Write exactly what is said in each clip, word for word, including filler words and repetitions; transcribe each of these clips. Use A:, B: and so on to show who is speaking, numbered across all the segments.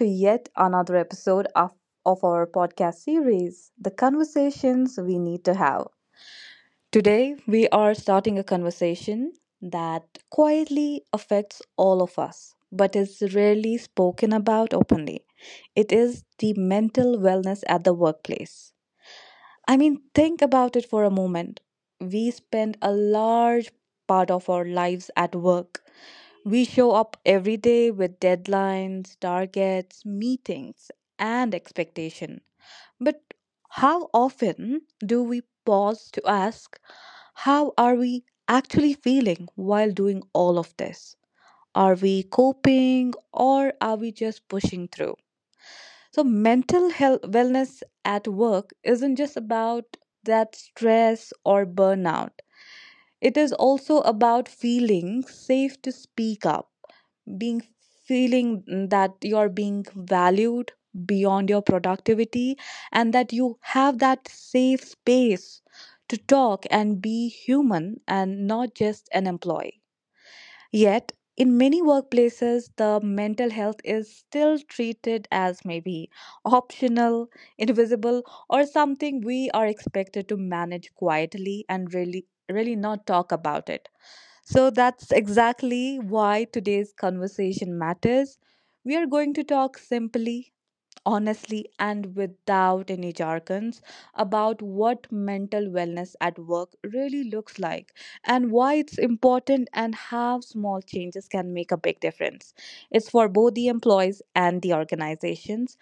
A: To yet another episode of, of our podcast series, The Conversations We Need to Have. Today, we are starting a conversation that quietly affects all of us, but is rarely spoken about openly. It is the mental wellness at the workplace. I mean, think about it for a moment. We spend a large part of our lives at work. We show up every day with deadlines, targets, meetings, and expectation. But how often do we pause to ask, how are we actually feeling while doing all of this? Are we coping, or are we just pushing through? So, mental health wellness at work isn't just about that stress or burnout. It is also about feeling safe to speak up, being feeling that you're being valued beyond your productivity, and that you have that safe space to talk and be human and not just an employee. Yet, in many workplaces, the mental health is still treated as maybe optional, invisible, or something we are expected to manage quietly and really, really not talk about it. So that's exactly why today's conversation matters. We are going to talk simply, honestly, and without any jargons about what mental wellness at work really looks like, and why it's important, and how small changes can make a big difference. It's for both the employees and the organizations.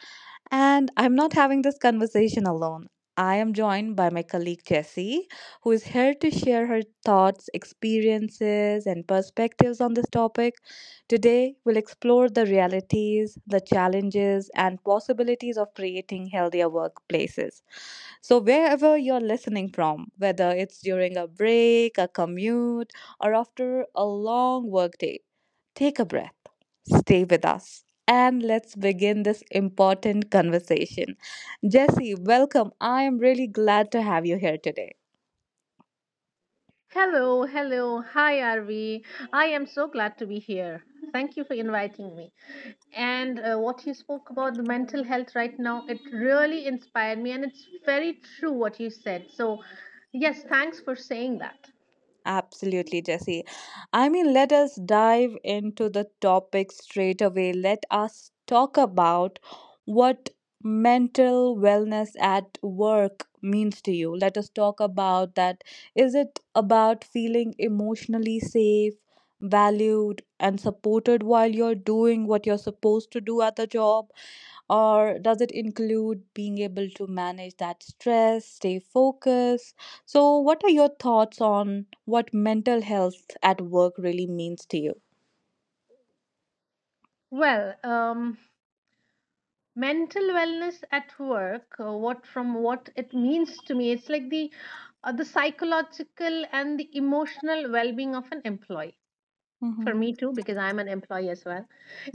A: And I'm not having this conversation alone. I am joined by my colleague Jessie, who is here to share her thoughts, experiences, and perspectives on this topic. Today, we'll explore the realities, the challenges, and possibilities of creating healthier workplaces. So, wherever you're listening from, whether it's during a break, a commute, or after a long workday, take a breath, stay with us, and let's begin this important conversation. Jesse, welcome. I am really glad to have you here today.
B: Hello, hello. Hi, Arvi. I am so glad to be here. Thank you for inviting me. And uh, what you spoke about the mental health right now, it really inspired me, and it's very true what you said. So, yes, thanks for saying that.
A: Absolutely, Jesse. I mean, let us dive into the topic straight away. Let us talk about what mental wellness at work means to you. Let us talk about that. Is it about feeling emotionally safe, valued, and supported while you're doing what you're supposed to do at the job? Or does it include being able to manage that stress, stay focused? So, what are your thoughts on what mental health at work really means to you?
B: Well, um, mental wellness at work, uh, what from what it means to me, it's like the uh, the psychological and the emotional well-being of an employee for
A: Mm-hmm.
B: me too, because I'm an employee as well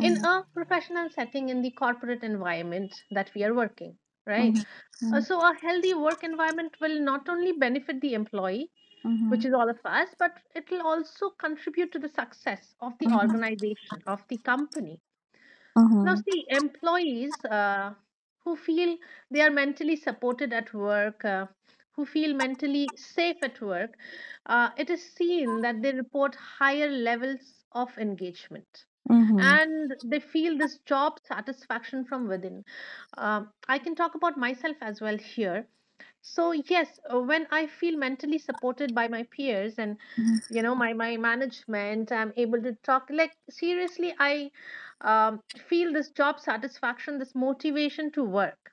B: in a professional setting in the corporate environment that we are working right. Uh,
A: Mm-hmm.
B: so a healthy work environment will not only benefit the employee, which
A: Mm-hmm.
B: is all of us, but it will also contribute to the success of the
A: Mm-hmm.
B: organization of the company. Now,
A: Mm-hmm.
B: see, employees uh, who feel they are mentally supported at work, uh, who feel mentally safe at work, uh, it is seen that they report higher levels of engagement
A: Mm-hmm.
B: and they feel this job satisfaction from within. Um I can talk about myself as well here. So yes, uh, when I feel mentally supported by my peers and you know my my management, I'm able to talk. Like seriously, I um, feel this job satisfaction, this motivation to work.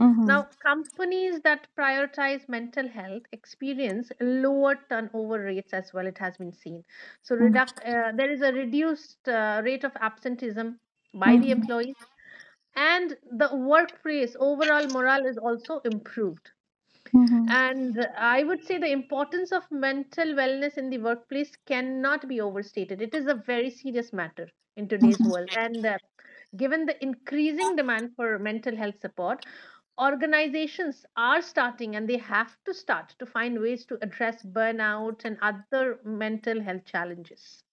A: Mm-hmm.
B: Now, companies that prioritize mental health experience lower turnover rates as well. It has been seen. So reduc- uh, there is a reduced uh, rate of absenteeism by the employees, and the workplace overall morale is also improved,
A: Mm-hmm.
B: and I would say the importance of mental wellness in the workplace cannot be overstated. It is a very serious matter in today's
A: Mm-hmm.
B: world. And uh, given the increasing demand for mental health support, organizations are starting and they have to start to find ways to address burnout and other mental health challenges.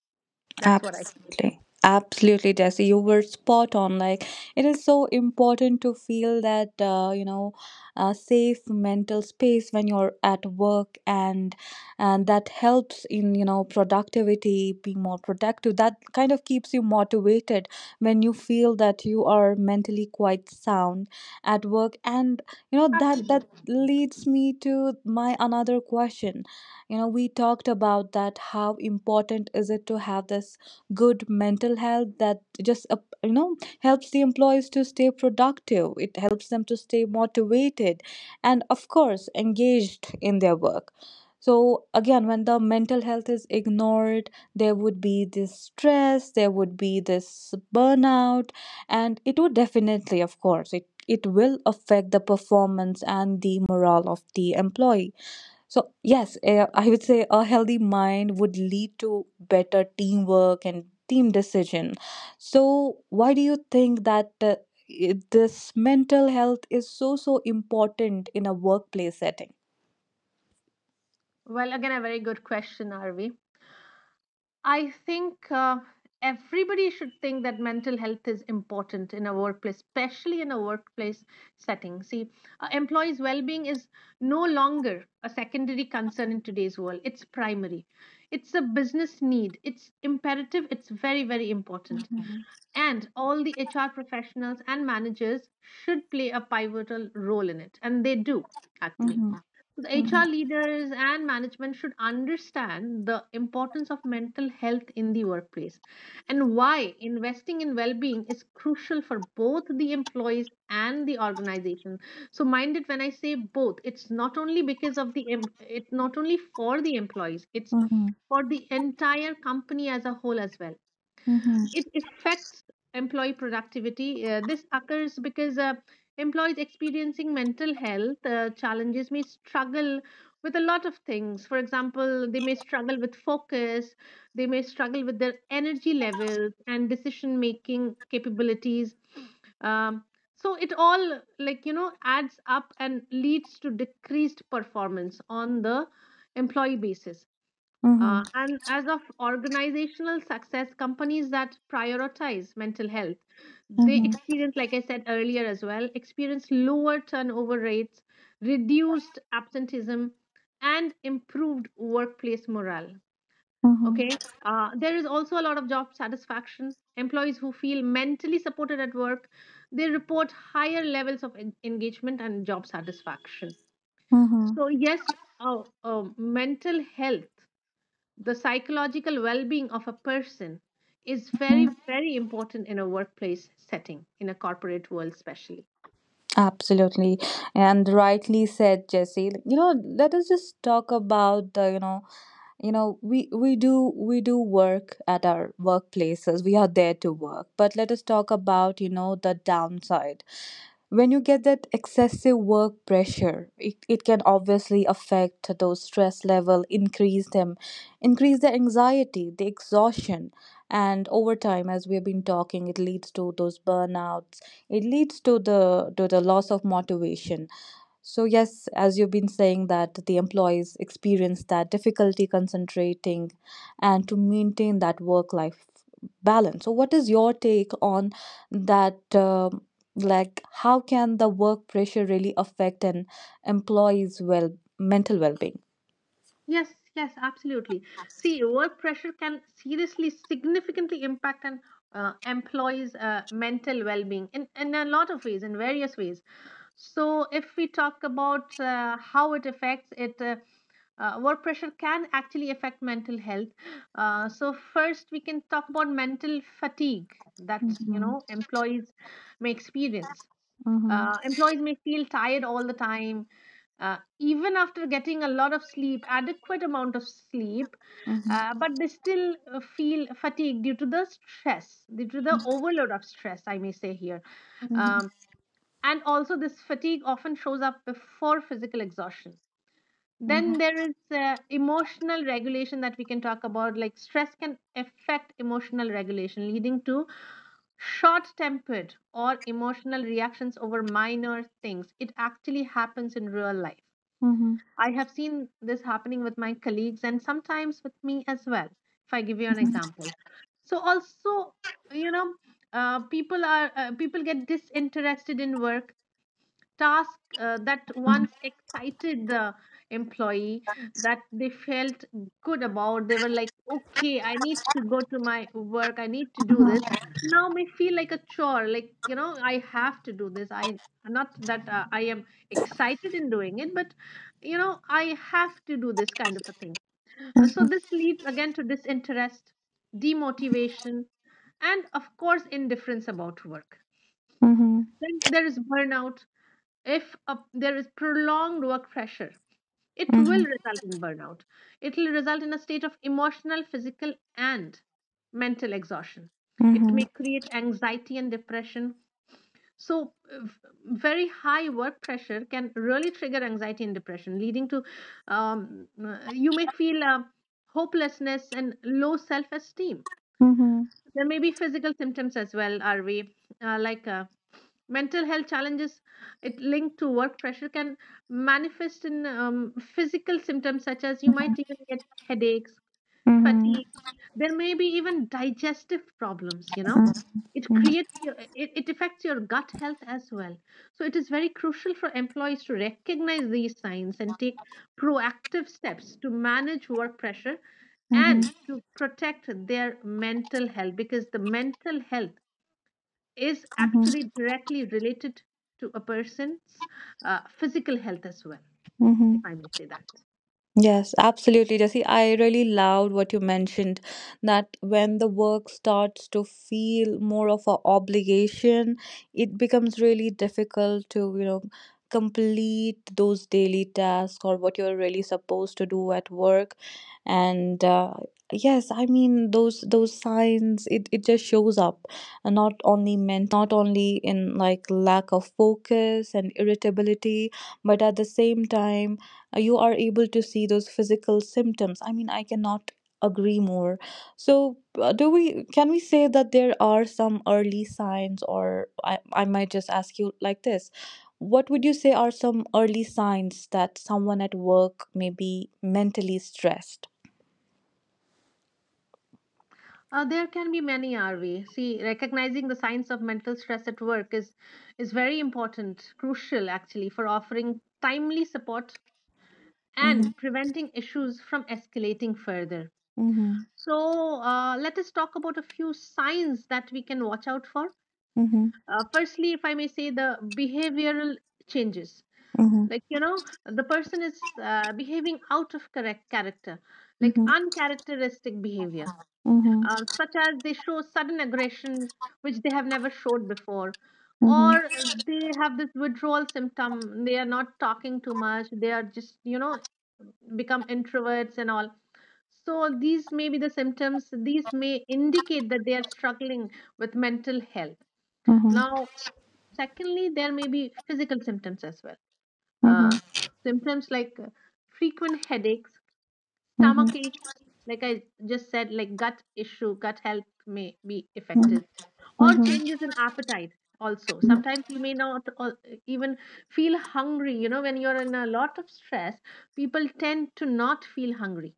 B: That's what I feel.
A: Absolutely. Absolutely, Jesse. You were spot on. Like, it is so important to feel that, uh, you know, uh, safe mental space when you're at work, and and that helps in, you know, productivity, being more productive. That kind of keeps you motivated when you feel that you are mentally quite sound at work. And, you know, that that
B: Absolutely.
A: leads me to my another question. You know, we talked about that how important is it to have this good mental health, that just uh, you know helps the employees to stay productive, it helps them to stay motivated and of course engaged in their work. So again, when the mental health is ignored, there would be this stress, there would be this burnout, and it would definitely, of course, it it will affect the performance and the morale of the employee. So, yes, eh, I would say a healthy mind would lead to better teamwork and team decision. So, why do you think that uh, i- this mental health is so, so important in a workplace setting?
B: Well, again, a very good question, Arvi. I think uh, everybody should think that mental health is important in a workplace, especially in a workplace setting. See, uh, employees' well being is no longer a secondary concern in today's world. It's primary. It's a business need, it's imperative, it's very, very important.
A: Mhm,
B: And all the H R professionals and managers should play a pivotal role in it, and they do actually.
A: mhm,
B: So the
A: mhm,
B: H R leaders and management should understand the importance of mental health in the workplace and why investing in well-being is crucial for both the employees and the organization. So mind it when I say both, it's not only because of the em- it's not only for the employees, it's
A: mhm,
B: for the entire company as a whole as well.
A: mhm,
B: It affects employee productivity. Uh, this occurs because uh, employees experiencing mental health uh, challenges may struggle with a lot of things. For example, they may struggle with focus, they may struggle with their energy levels and decision making capabilities. Um, so it all like you know adds up and leads to decreased performance on the employee basis,
A: mhm,
B: uh, and as of organizational success, companies that prioritize mental health, they
A: mhm,
B: experience, like I said earlier as well, experience lower turnover rates, reduced absenteeism, and improved workplace morale.
A: mhm,
B: Okay. Uh, there is also a lot of job satisfaction. Employees who feel mentally supported at work, they report higher levels of en- engagement and job satisfaction.
A: mhm,
B: So yes, uh, uh, mental health, the psychological well-being of a person is
A: mhm.
B: very, very important in a workplace setting, in a corporate world especially.
A: Absolutely, and rightly said, Jesse. You know, let us just talk about the you know you know we we do we do work at our workplaces, we are there to work. But let us talk about you know the downside. When you get that excessive work pressure, it, it can obviously affect, those stress level, increase them, increase the anxiety, the exhaustion, and over time, as we've been talking, it leads to those burnouts, it leads to the to the loss of motivation. So, yes, as you've been saying, that the employees experience that difficulty concentrating and to maintain that work life balance. So, what is your take on that? Um, like, how can the work pressure really affect an employee's well mental well being?
B: Yes, yes, absolutely. See, work pressure can seriously significantly impact an uh, employee's uh, mental well-being in, in a lot of ways, in various ways. So if we talk about uh, how it affects it, uh, uh, work pressure can actually affect mental health. Uh, so first we can talk about mental fatigue that you
A: Mm-hmm.
B: know employees may experience.
A: Mm-hmm.
B: Uh, employees may feel tired all the time, uh, even after getting a lot of sleep, adequate amount of sleep,
A: Mm-hmm.
B: uh, but they still uh, feel fatigued due to the stress, due to the overload of stress, I may say here.
A: Mm-hmm.
B: um, and also this fatigue often shows up before physical exhaustion. Then there is uh, emotional regulation that we can talk about. Like stress can affect emotional regulation, leading to short tempered or emotional reactions over minor things. It actually happens in real life.
A: Mm-hmm. Mm-hmm.
B: I have seen this happening with my colleagues and sometimes with me as well. If I give you an example, so also you know uh, people are uh, people get disinterested in work task uh, that once excited the employee, that they felt good about, they were like okay I need to go to my work, I need to do this, now may feel like a chore, like you know I have to do this, I not that uh, I am excited in doing it, but you know I have to do this kind of a thing. Uh, so this leads again to disinterest, demotivation and of course indifference about work.
A: Mm-hmm.
B: Then there is burnout. If a, there is prolonged work pressure, it will result in burnout, it will result in a state of emotional, physical and mental exhaustion. It
A: Mm-hmm.
B: may create anxiety and depression. So uh, v- very high work pressure can really trigger anxiety and depression, leading to um, uh, you may feel uh, hopelessness and low self-esteem.
A: Mm-hmm.
B: There may be physical symptoms as well, are we uh, like uh, mental health challenges, it linked to work pressure can manifest in um, physical symptoms such as you might even get headaches,
A: Mm-hmm.
B: fatigue, there may be even digestive problems, you know it creates your, it, it affects your gut health as well. So it is very crucial for employees to recognize these signs and take proactive steps to manage work pressure
A: Mm-hmm.
B: and to protect their mental health, because the mental health is actually directly related to a person's uh, physical health as well,
A: Mm-hmm.
B: if I may say that.
A: Yes, absolutely, Jesse. I really loved what you mentioned, that when the work starts to feel more of an obligation, it becomes really difficult to, you know, complete those daily tasks or what you're really supposed to do at work. And uh, yes, I mean, those those signs, it, it just shows up, and not only mentally, not only in like lack of focus and irritability, but at the same time uh, you are able to see those physical symptoms. I mean, I cannot agree more. So uh, do we can we say that there are some early signs, or i, I might just ask you like this: what would you say are some early signs that someone at work may be mentally stressed?
B: Uh, there can be many, are we? See, recognizing the signs of mental stress at work is is very important, crucial actually, for offering timely support
A: Mm-hmm,
B: and preventing issues from escalating further.
A: mm-hmm,
B: So, uh, let us talk about a few signs that we can watch out for.
A: mm-hmm,
B: Uh, firstly, if I may say, the behavioral changes,
A: mm-hmm,
B: like you know the person is uh, behaving out of correct character, like uncharacteristic behavior
A: mm-hmm,
B: uh, such as they show sudden aggression, which they have never showed before,
A: mm-hmm,
B: or they have this withdrawal symptom, they are not talking too much, they are just you know become introverts and all. So these may be the symptoms, these may indicate that they are struggling with mental health.
A: mm-hmm,
B: Now secondly, there may be physical symptoms as well.
A: mm-hmm,
B: uh, Symptoms like uh, frequent headaches,
A: mm-hmm,
B: stomach ache, like I just said, like gut issue, gut health may be
A: mm-hmm,
B: affected, or
A: mm-hmm,
B: changes in appetite. Also,
A: mm-hmm,
B: sometimes you may not al- even feel hungry. You know, when you're in a lot of stress, people tend to not feel hungry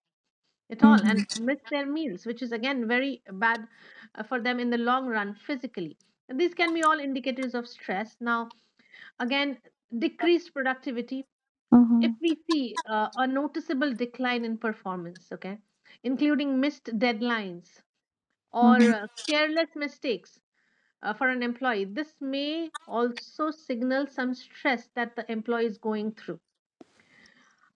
B: at
A: mm-hmm,
B: all and
A: mm-hmm,
B: miss their meals, which is again very bad uh, for them in the long run physically. And these can be all indicators of stress. Now, again, decreased productivity. If
A: mm-hmm,
B: we see uh, a noticeable decline in performance, okay, including missed deadlines or
A: mm-hmm,
B: uh, careless mistakes uh, for an employee, this may also signal some stress that the employee is going through.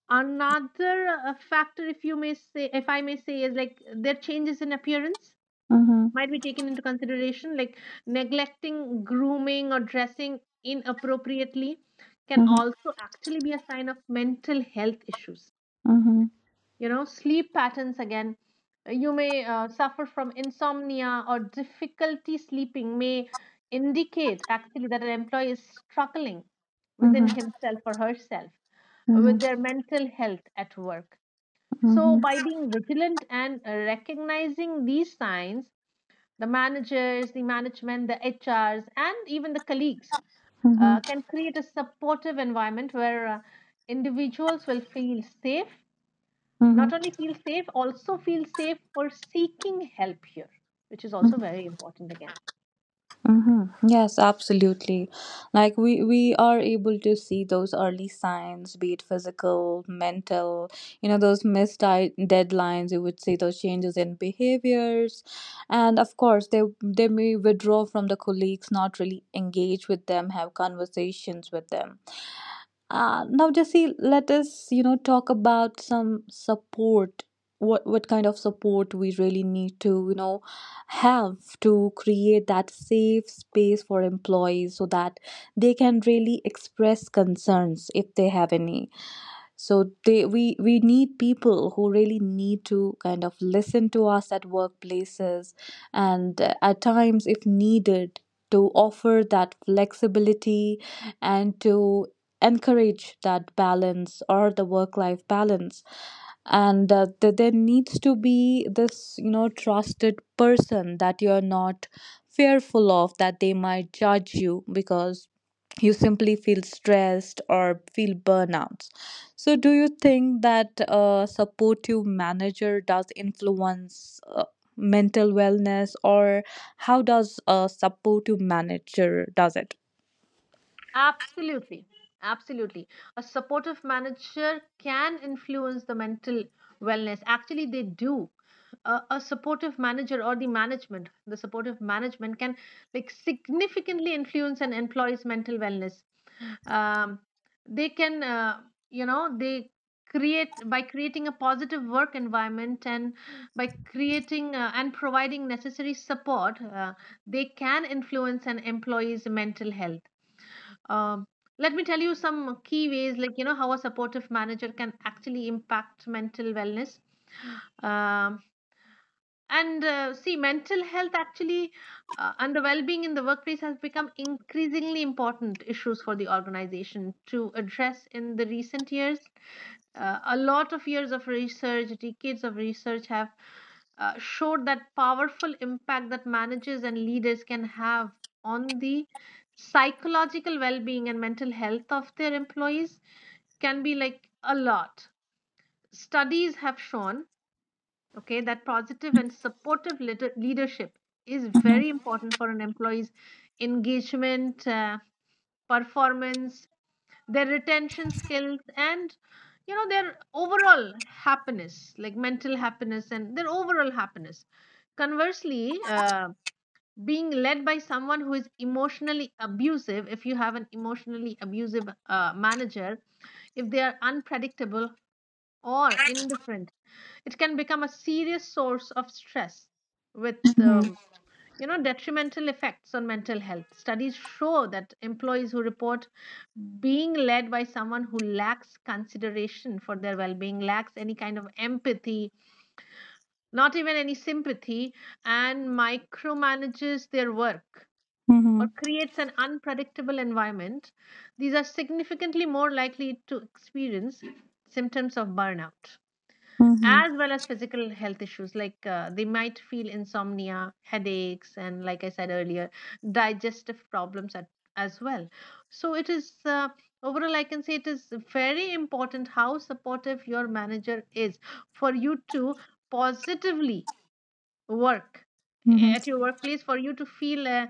B: Another uh, factor, if you may say, if I may say, is like their changes in appearance
A: mm-hmm.
B: might be taken into consideration, like neglecting grooming or dressing inappropriately can also actually be a sign of mental health issues. You know, sleep patterns again. Uh, you may uh, suffer from insomnia or difficulty sleeping may indicate actually that an employee is struggling within
A: Mm-hmm.
B: himself or herself
A: Mhm,
B: with their mental health at work. So,
A: mhm,
B: by being vigilant and uh, recognizing these signs, the managers, the management, the H Rs, and even the colleagues uh,
A: mhm,
B: can create a supportive environment where uh, individuals will feel safe,
A: mhm,
B: not only feel safe, also feel safe for seeking help here, which is also
A: mhm,
B: very important again.
A: mhm. Yes, absolutely. Like, we we are able to see those early signs, be it physical, mental, you know, those missed di- deadlines. You would see those changes in behaviors, and of course, they they may withdraw from the colleagues, not really engage with them, have conversations with them. Uh, now, Jesse, let us, you know, talk about some support. What what kind of support we really need to, you know, have to create that safe space for employees so that they can really express concerns if they have any. So they we we need people who really need to kind of listen to us at workplaces, and uh, at times, if needed, to offer that flexibility and to encourage that balance, or the work life balance. And uh, th- there needs to be this you know trusted person that you're not fearful of, that they might judge you because you simply feel stressed or feel burnout. So, do you think that a supportive manager does influence uh, mental wellness, or how does a supportive manager does it?
B: Absolutely. Absolutely. A supportive manager can influence the mental wellness. Actually, they do. A, a supportive manager or the management, the supportive management can like significantly influence an employee's mental wellness. um, they can uh, you know they create by creating a positive work environment and by creating uh, and providing necessary support, uh, they can influence an employee's mental health. um, Let me tell you some key ways, like you know, how a supportive manager can actually impact mental wellness. Um and uh, See, mental health actually uh, and the well-being in the workplace has become increasingly important issues for the organization to address in the recent years. Uh, a lot of years of research, decades of research have uh, showed that powerful impact that managers and leaders can have on the psychological well-being and mental health of their employees can be like a lot. Studies have shown, okay, that positive and supportive leader- leadership is
A: Mhm.
B: very important for an employee's engagement, uh, performance, their retention skills, and you know their overall happiness, like mental happiness, and their overall happiness. Conversely, uh, being led by someone who is emotionally abusive, if you have an emotionally abusive uh, manager, if they are unpredictable or indifferent, it can become a serious source of stress with
A: Mhm.
B: um, you know detrimental effects on mental health. Studies show that employees who report being led by someone who lacks consideration for their well-being, lacks any kind of empathy, not even any sympathy, and micromanages their work or
A: Mhm.
B: creates an unpredictable environment, these are significantly more likely to experience symptoms of burnout
A: Mhm.
B: as well as physical health issues, like uh, they might feel insomnia, headaches, and like I said earlier, digestive problems at, as well. So it is, uh, overall, I can say it is very important how supportive your manager is for you to positively work
A: Mhm.
B: eh, at your workplace, for you to feel uh,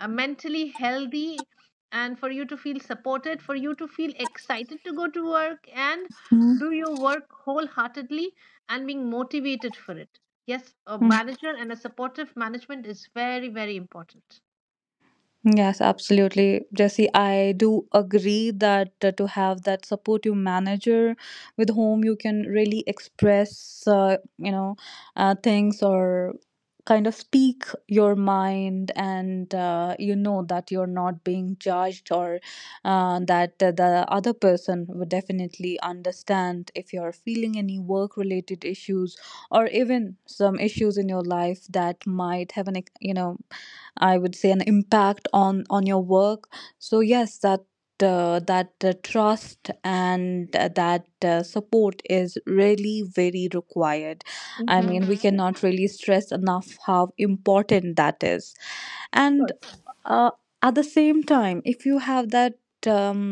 B: uh, mentally healthy, and for you to feel supported, for you to feel excited to go to work and do your work wholeheartedly and being motivated for it. Yes, a
A: Mhm.
B: manager and a supportive management is very, very important.
A: Yes, absolutely, Jesse. I do agree that uh, to have that supportive manager with whom you can really express, uh, you know, uh, things, or kind of speak your mind, and uh, you know that you're not being judged, or uh, that uh, the other person would definitely understand if you're feeling any work-related issues or even some issues in your life that might have an, ex- you know I would say an impact on on your work. So yes, that uh, that uh, trust and uh, that uh, support is really very required. I mean, we hmm cannot really stress enough how important that is. And uh, at the same time, if you have that um,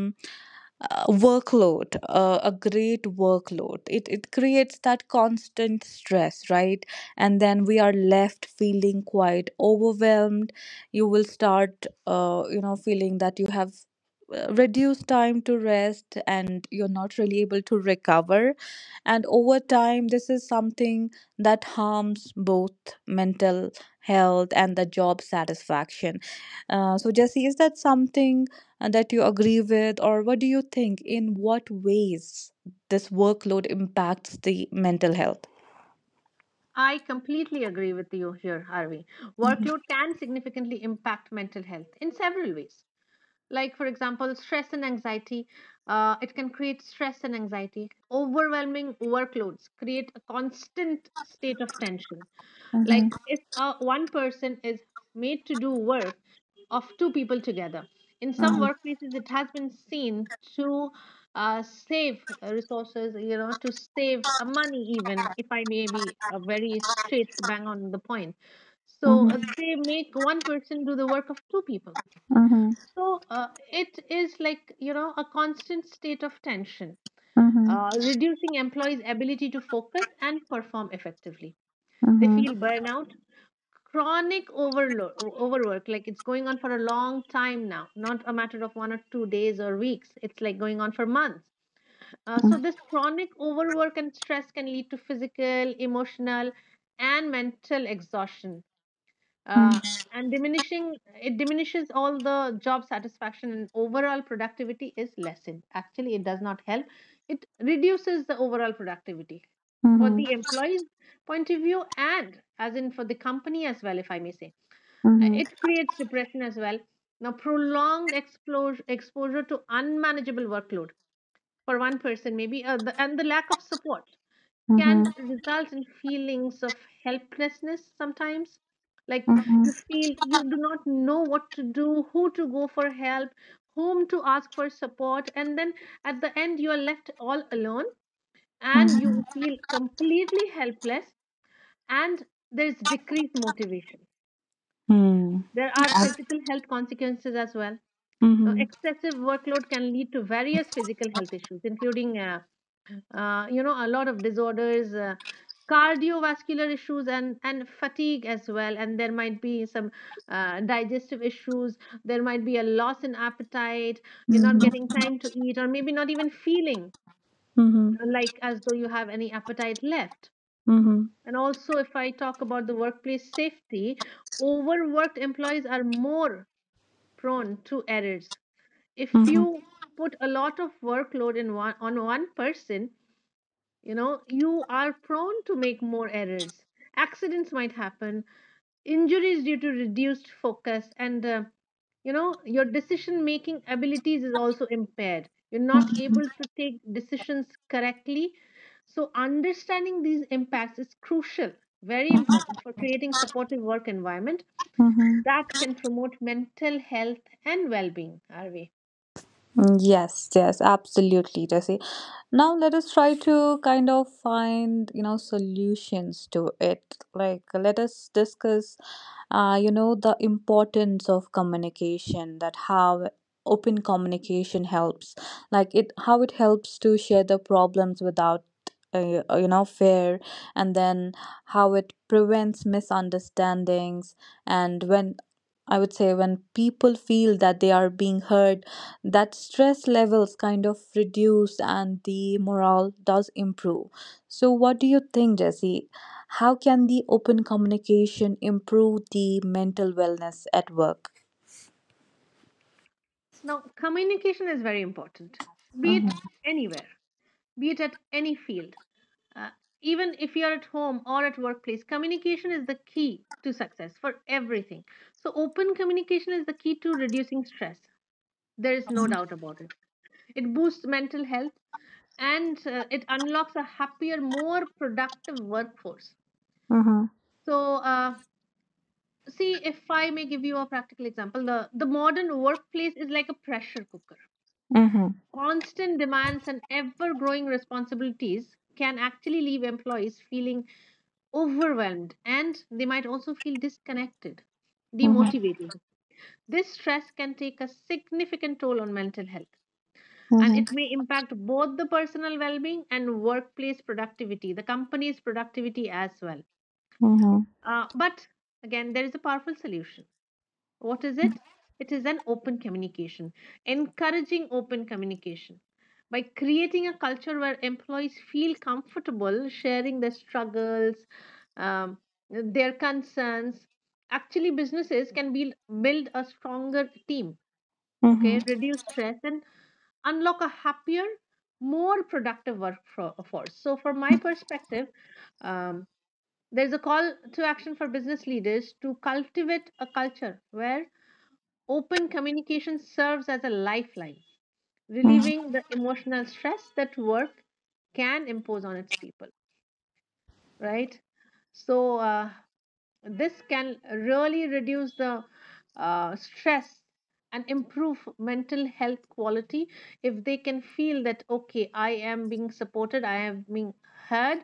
A: uh, workload uh, a great workload, it, it creates that constant stress, right, and then we are left feeling quite overwhelmed. You will start uh, you know feeling that you have uh, reduced time to rest, and you're not really able to recover, and over time this is something that harms both mental health and the job satisfaction uh, so, Jesse, is that something uh, that you agree with, or what do you think? In what ways this workload impacts the mental health?
B: I completely agree with you here, Harvey. Workload can significantly impact mental health in several ways, like for example, stress and anxiety. Uh, it can create stress and anxiety. Overwhelming workloads create a constant state of tension.
A: Mhm,
B: Like if uh, one person is made to do work of two people together, in some
A: mhm,
B: workplaces it has been seen to uh, save resources, you know to save uh, money, even if I may be uh, very straight, bang on the point. So uh,
A: mhm,
B: they make one person do the work of two people.
A: mhm,
B: So uh, it is, like, you know, a constant state of tension, uh, reducing employees' ability to focus and perform effectively.
A: mhm,
B: They feel
A: mhm,
B: burnout, chronic overload, o- overwork, like it's going on for a long time now, not a matter of one or two days or weeks. It's like going on for months. Uh, so this chronic overwork and stress can lead to physical, emotional, and mental exhaustion, uh, and diminishing it diminishes all the job satisfaction, and overall productivity is lessened. Actually, it does not help, it reduces the overall productivity
A: mhm,
B: for
A: mhm,
B: the employee's point of view, and as in for the company as well, if I may say. Uh, it creates depression as well. Now, prolonged exposure exposure to unmanageable workload for one person, maybe, uh, the, and the lack of support
A: mhm,
B: can result in feelings of helplessness sometimes. Like
A: mhm, mhm, mhm,
B: you feel you do not know what to do, who to go for help, whom to ask for support, and then at the end you are left all alone and you
A: mhm.
B: feel completely helpless, and there is decreased motivation.
A: Hmm.
B: There are
A: Ab-
B: physical health consequences as well. Now,
A: mm-hmm.
B: excessive workload can lead to various physical health issues, including uh, uh, you know a lot of disorders, uh, cardiovascular issues, and and fatigue as well. And there might be some uh, digestive issues, there might be a loss in appetite, you're not getting
A: Mm-hmm.
B: time to eat or maybe not even feeling
A: Mm-hmm.
B: uh, like as though you have any appetite left. And also, if I talk about the workplace safety, overworked employees are more prone to errors. If
A: Mm-hmm.
B: you put a lot of workload in one on one person, you know, you are prone to make more errors. Accidents might happen, injuries due to reduced focus, and uh, you know your decision making abilities is also impaired. You're not
A: Mm-hmm.
B: able to take decisions correctly. So understanding these impacts is crucial, very important, for creating supportive work environment
A: Mm-hmm.
B: that can promote mental health and well-being. Are we?
A: Yes, yes, absolutely, Jesse. Now let us try to kind of find you know solutions to it. Like, let us discuss uh, you know the importance of communication, that how open communication helps, like it, how it helps to share the problems without uh, you know fear, and then how it prevents misunderstandings. And when I would say when people feel that they are being heard, that stress levels kind of reduce and the morale does improve. So, what do you think, Jesse? How can the open communication improve the mental wellness at work?
B: Now, communication is very important, be it
A: Mhm.
B: anywhere, be it at any field. Uh, Even if you're at home or at workplace, communication is the key to success for everything. So, open communication is the key to reducing stress. There is no doubt about it. It boosts mental health, and uh, it unlocks a happier, more productive workforce.
A: Mhm.
B: So, uh, see, if I may give you a practical example, the, the modern workplace is like a pressure cooker.
A: Mhm.
B: Constant demands and ever growing responsibilities can actually leave employees feeling overwhelmed, and they might also feel disconnected,
A: Mhm.
B: demotivated. This stress can take a significant toll on mental health, and
A: Mhm.
B: it may impact both the personal well being and workplace productivity, the company's productivity as well.
A: Mhm.
B: Uh, but again, there is a powerful solution. What is it? It is an open communication, encouraging open communication. By creating a culture where employees feel comfortable sharing their struggles, um, their concerns, actually businesses can build, build a stronger team,
A: Mhm.
B: okay, reduce stress, and unlock a happier, more productive workforce. So, from my perspective, um, there's a call to action for business leaders to cultivate a culture where open communication serves as a lifeline,
A: Mhm.
B: relieving the emotional stress that work can impose on its people, right? So, uh, this can really reduce the uh, stress and improve mental health quality if they can feel that, okay, I am being supported, I am being heard,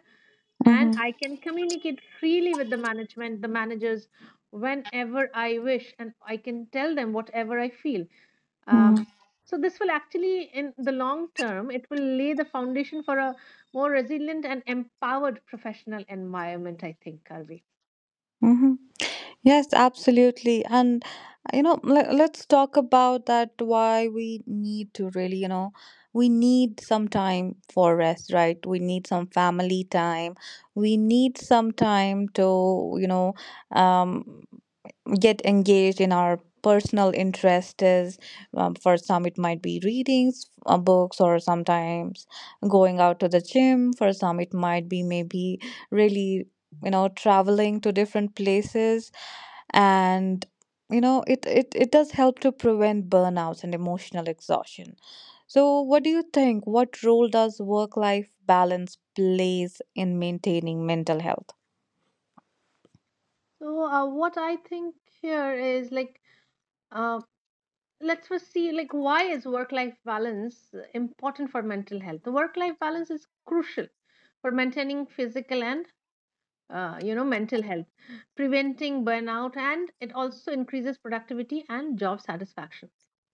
B: and
A: Mhm.
B: I can communicate freely with the management, the managers, whenever I wish, and I can tell them whatever I feel. um,
A: Mhm.
B: so this will actually, in the long term, it will lay the foundation for a more resilient and empowered professional environment. I think, Karvi.
A: Mhm. Yes, absolutely. And, uh, you know, le- let's talk about that why we need to really, you know, we need some time for rest, right? We need some family time. We need some time to, you know, um, get engaged in our personal interests um, for some, it might be readings, uh, books, or sometimes going out to the gym. For some, it might be maybe really you know traveling to different places. And you know it, it it does help to prevent burnouts and emotional exhaustion. So what do you think? What role does work life balance plays in maintaining mental health?
B: So uh, what I think here is like, uh, let's first see, like, why is work-life balance important for mental health? The work-life balance is crucial for maintaining physical and uh, you know mental health, preventing burnout, and it also increases productivity and job satisfaction.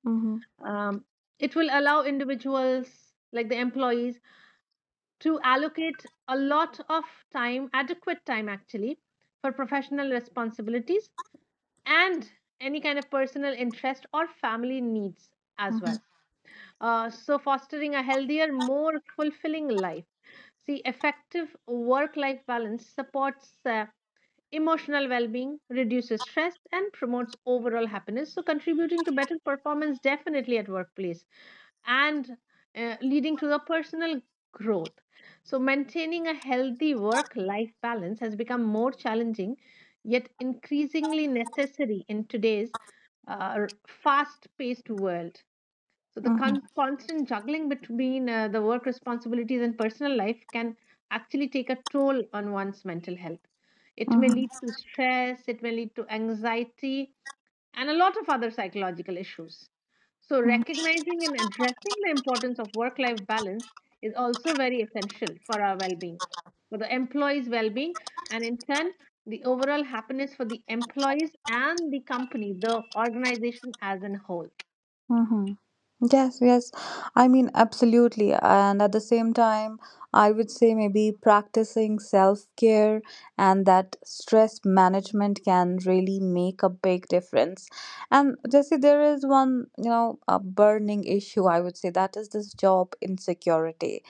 A: Mm-hmm,
B: um, it will allow individuals, like the employees, to allocate a lot of time, adequate time actually, for professional responsibilities and any kind of personal interest or family needs as
A: mm-hmm,
B: well. Uh, so, fostering a healthier, more fulfilling life. See, effective work life balance supports uh, emotional well-being, reduces stress, and promotes overall happiness, so contributing to better performance, definitely, at workplace, and uh, leading to the personal growth. So, maintaining a healthy work life balance has become more challenging, yet increasingly necessary in today's uh, fast paced world. So, the
A: mm-hmm,
B: con- constant juggling between uh, the work responsibilities and personal life can actually take a toll on one's mental health. It may lead to
A: mm-hmm,
B: stress, it may lead to anxiety, and a lot of other psychological issues. So, recognizing and addressing the importance of work life balance is also very essential for our well being, for the employees' well being, and in turn, the overall happiness for the employees and the company, the organization as a whole.
A: mm-hmm. Yes, yes. I mean, absolutely. And at the same time, I would say maybe practicing self care and that stress management can really make a big difference. And Jesse, there is one, you know, a burning issue, I would say, that is this job insecurity.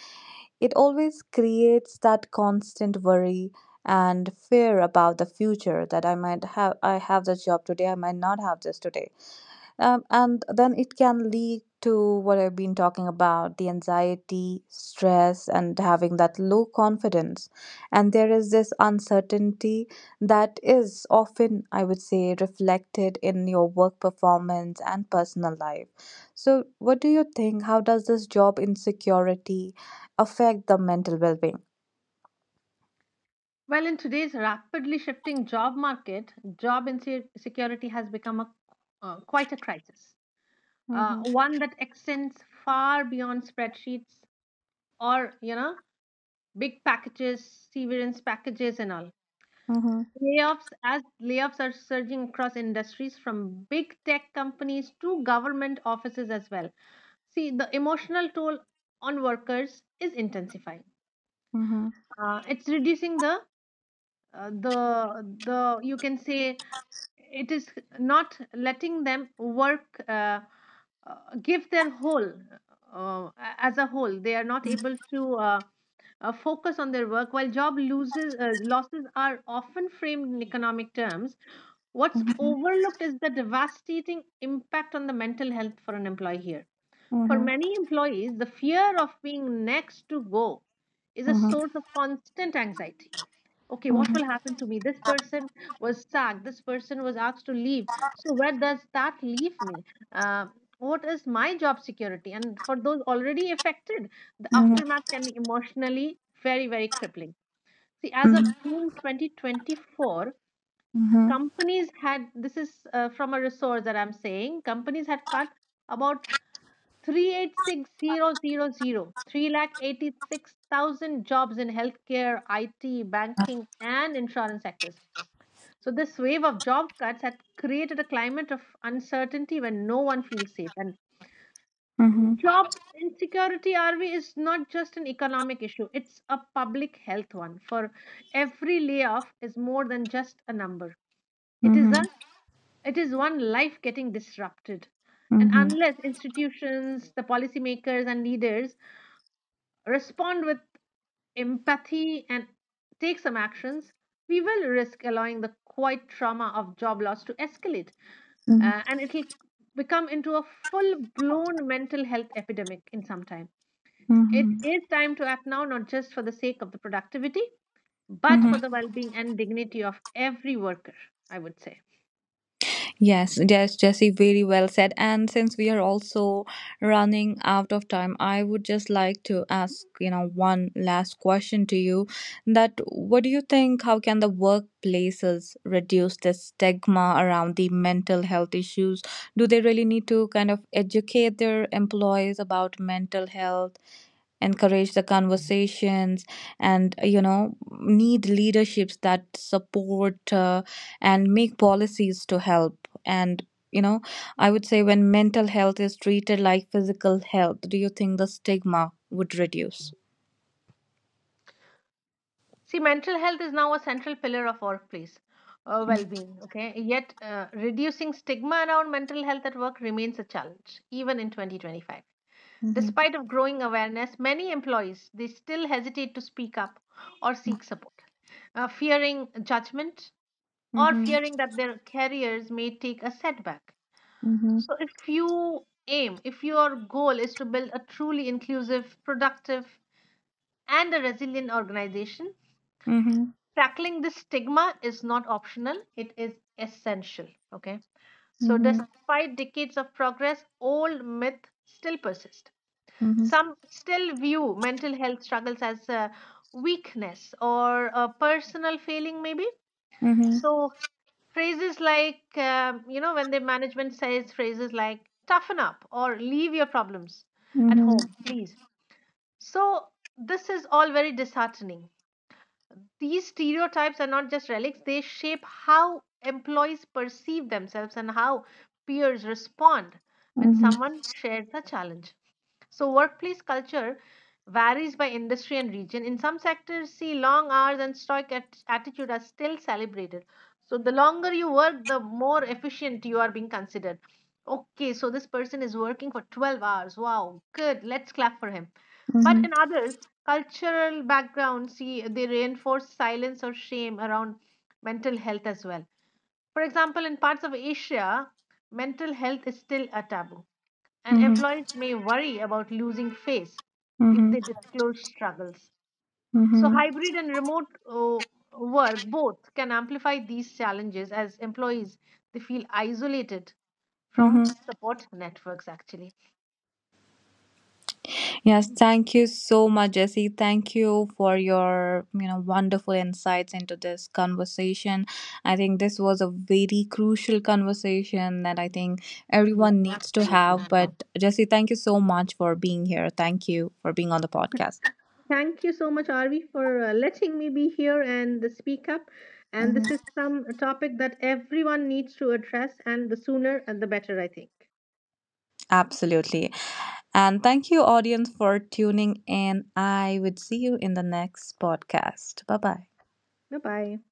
A: It always creates that constant worry and fear about the future, that I might have, I have this job today, I might not have this today, um, and then it can lead to what I've been talking about, the anxiety, stress, and having that low confidence. And there is this uncertainty that is often, I would say, reflected in your work performance and personal life. So, what do you think? How does this job insecurity affect the mental well being?
B: Well, in today's rapidly shifting job market, job insecurity has become a, uh, quite a crisis, uh,
A: Mm-hmm.
B: one that extends far beyond spreadsheets or, you know, big packages, severance packages, and all.
A: Mm-hmm.
B: Layoffs, as layoffs are surging across industries from big tech companies to government offices as well. See, the emotional toll on workers is intensifying. Uh, it's reducing the, uh, the the you can say, it is not letting them work uh, uh, give their whole uh, as a whole. They are not able to. Uh, uh, focus on their work. While job loses uh, losses are often framed in economic terms, what's
A: Mm-hmm.
B: overlooked is the devastating impact on the mental health for an employee. Here, for
A: Mm-hmm.
B: many employees, the fear of being next to go is a
A: Mm-hmm.
B: source of constant anxiety. Okay, what
A: Mm-hmm.
B: will happen to me? This person was sacked. This person was asked to leave. So, where does that leave me? Uh, what is my job security? And for those already affected, the
A: Mm-hmm.
B: aftermath can be emotionally very, very crippling. See, as of June twenty twenty-four,
A: Mm-hmm.
B: companies had, this is uh, from a resource that I'm saying, companies had cut about Three eight six zero zero zero three lakh eighty six thousand jobs in healthcare, I T, banking, and insurance sectors. So, this wave of job cuts had created a climate of uncertainty when no one feels safe. And
A: Mm-hmm.
B: job insecurity, RV, is not just an economic issue, it's a public health one. For every layoff is more than just a number, it is, a,
A: Mm-hmm.
B: it is one life getting disrupted. And
A: Mm-hmm.
B: unless institutions, the policymakers, and leaders respond with empathy and take some actions, we will risk allowing the quiet trauma of job loss to escalate,
A: Mm-hmm.
B: uh, and it will become into a full blown mental health epidemic in some time. It
A: Mm-hmm.
B: is time to act now, not just for the sake of the productivity, but for
A: Mm-hmm.
B: the well being and dignity of every worker, I would say.
A: Yes, yes, Jesse, very well said. And since we are also running out of time, I would just like to ask, you know, one last question to you, that what do you think, how can the workplaces reduce the stigma around the mental health issues? Do they really need to kind of educate their employees about mental health, encourage the conversations, and you know need leaderships that support uh, and make policies to help. And you know i would say when mental health is treated like physical health, do you think the stigma would reduce?
B: See, mental health is now a central pillar of workplace uh,
A: Mm-hmm.
B: well-being. Okay, yet uh, reducing stigma around mental health at work remains a challenge, even in twenty twenty-five.
A: Mm-hmm.
B: Despite of growing awareness, many employees, they still hesitate to speak up or seek support, uh, fearing judgment or fearing that their careers may take a setback.
A: Mm-hmm.
B: So, if you aim, if your goal is to build a truly inclusive, productive, and a resilient organization,
A: Mm-hmm.
B: tackling this stigma is not optional, it is essential. Okay, so
A: Mm-hmm.
B: despite decades of progress, old myths still persist.
A: Mm-hmm.
B: Some still view mental health struggles as a weakness or a personal failing, maybe.
A: Mm-hmm.
B: So phrases like, um, you know, when the management says phrases like toughen up or leave your problems at
A: Mm-hmm.
B: home. Please. So this is all very disheartening. These stereotypes are not just relics, they shape how employees perceive themselves and how peers respond when
A: Mm-hmm.
B: someone shares a challenge. So, workplace culture varies by industry and region. In some sectors, see, long hours and stoic at- attitude are still celebrated. So, the longer you work, the more efficient you are being considered. Okay, so this person is working for twelve hours. Wow, good. Let's clap for him. But
A: Mm-hmm.
B: in others, cultural backgrounds, see, they reinforce silence or shame around mental health as well. For example, in parts of Asia, mental health is still a taboo, and
A: Mm-hmm.
B: employees may worry about losing face if they disclose struggles. So,
A: Mm-hmm.
B: hybrid and remote uh, work both can amplify these challenges, as employees, they feel isolated from
A: Mm-hmm.
B: support networks, actually.
A: Yes, thank you so much, Jesse. Thank you for your, you know, wonderful insights into this conversation. I think this was a very crucial conversation that I think
B: Yes,
A: everyone needs to
B: absolutely.
A: have. But Jesse, thank you so much for being here. Thank you for being on the podcast.
B: Thank you so much, Arvi, for uh, letting me be here and uh, speak up. And
A: Mhm.
B: this is some a topic that everyone needs to address, and the sooner and the better, I think.
A: Absolutely. And thank you, audience, for tuning in. I would see you in the next podcast. Bye bye.
B: Bye bye.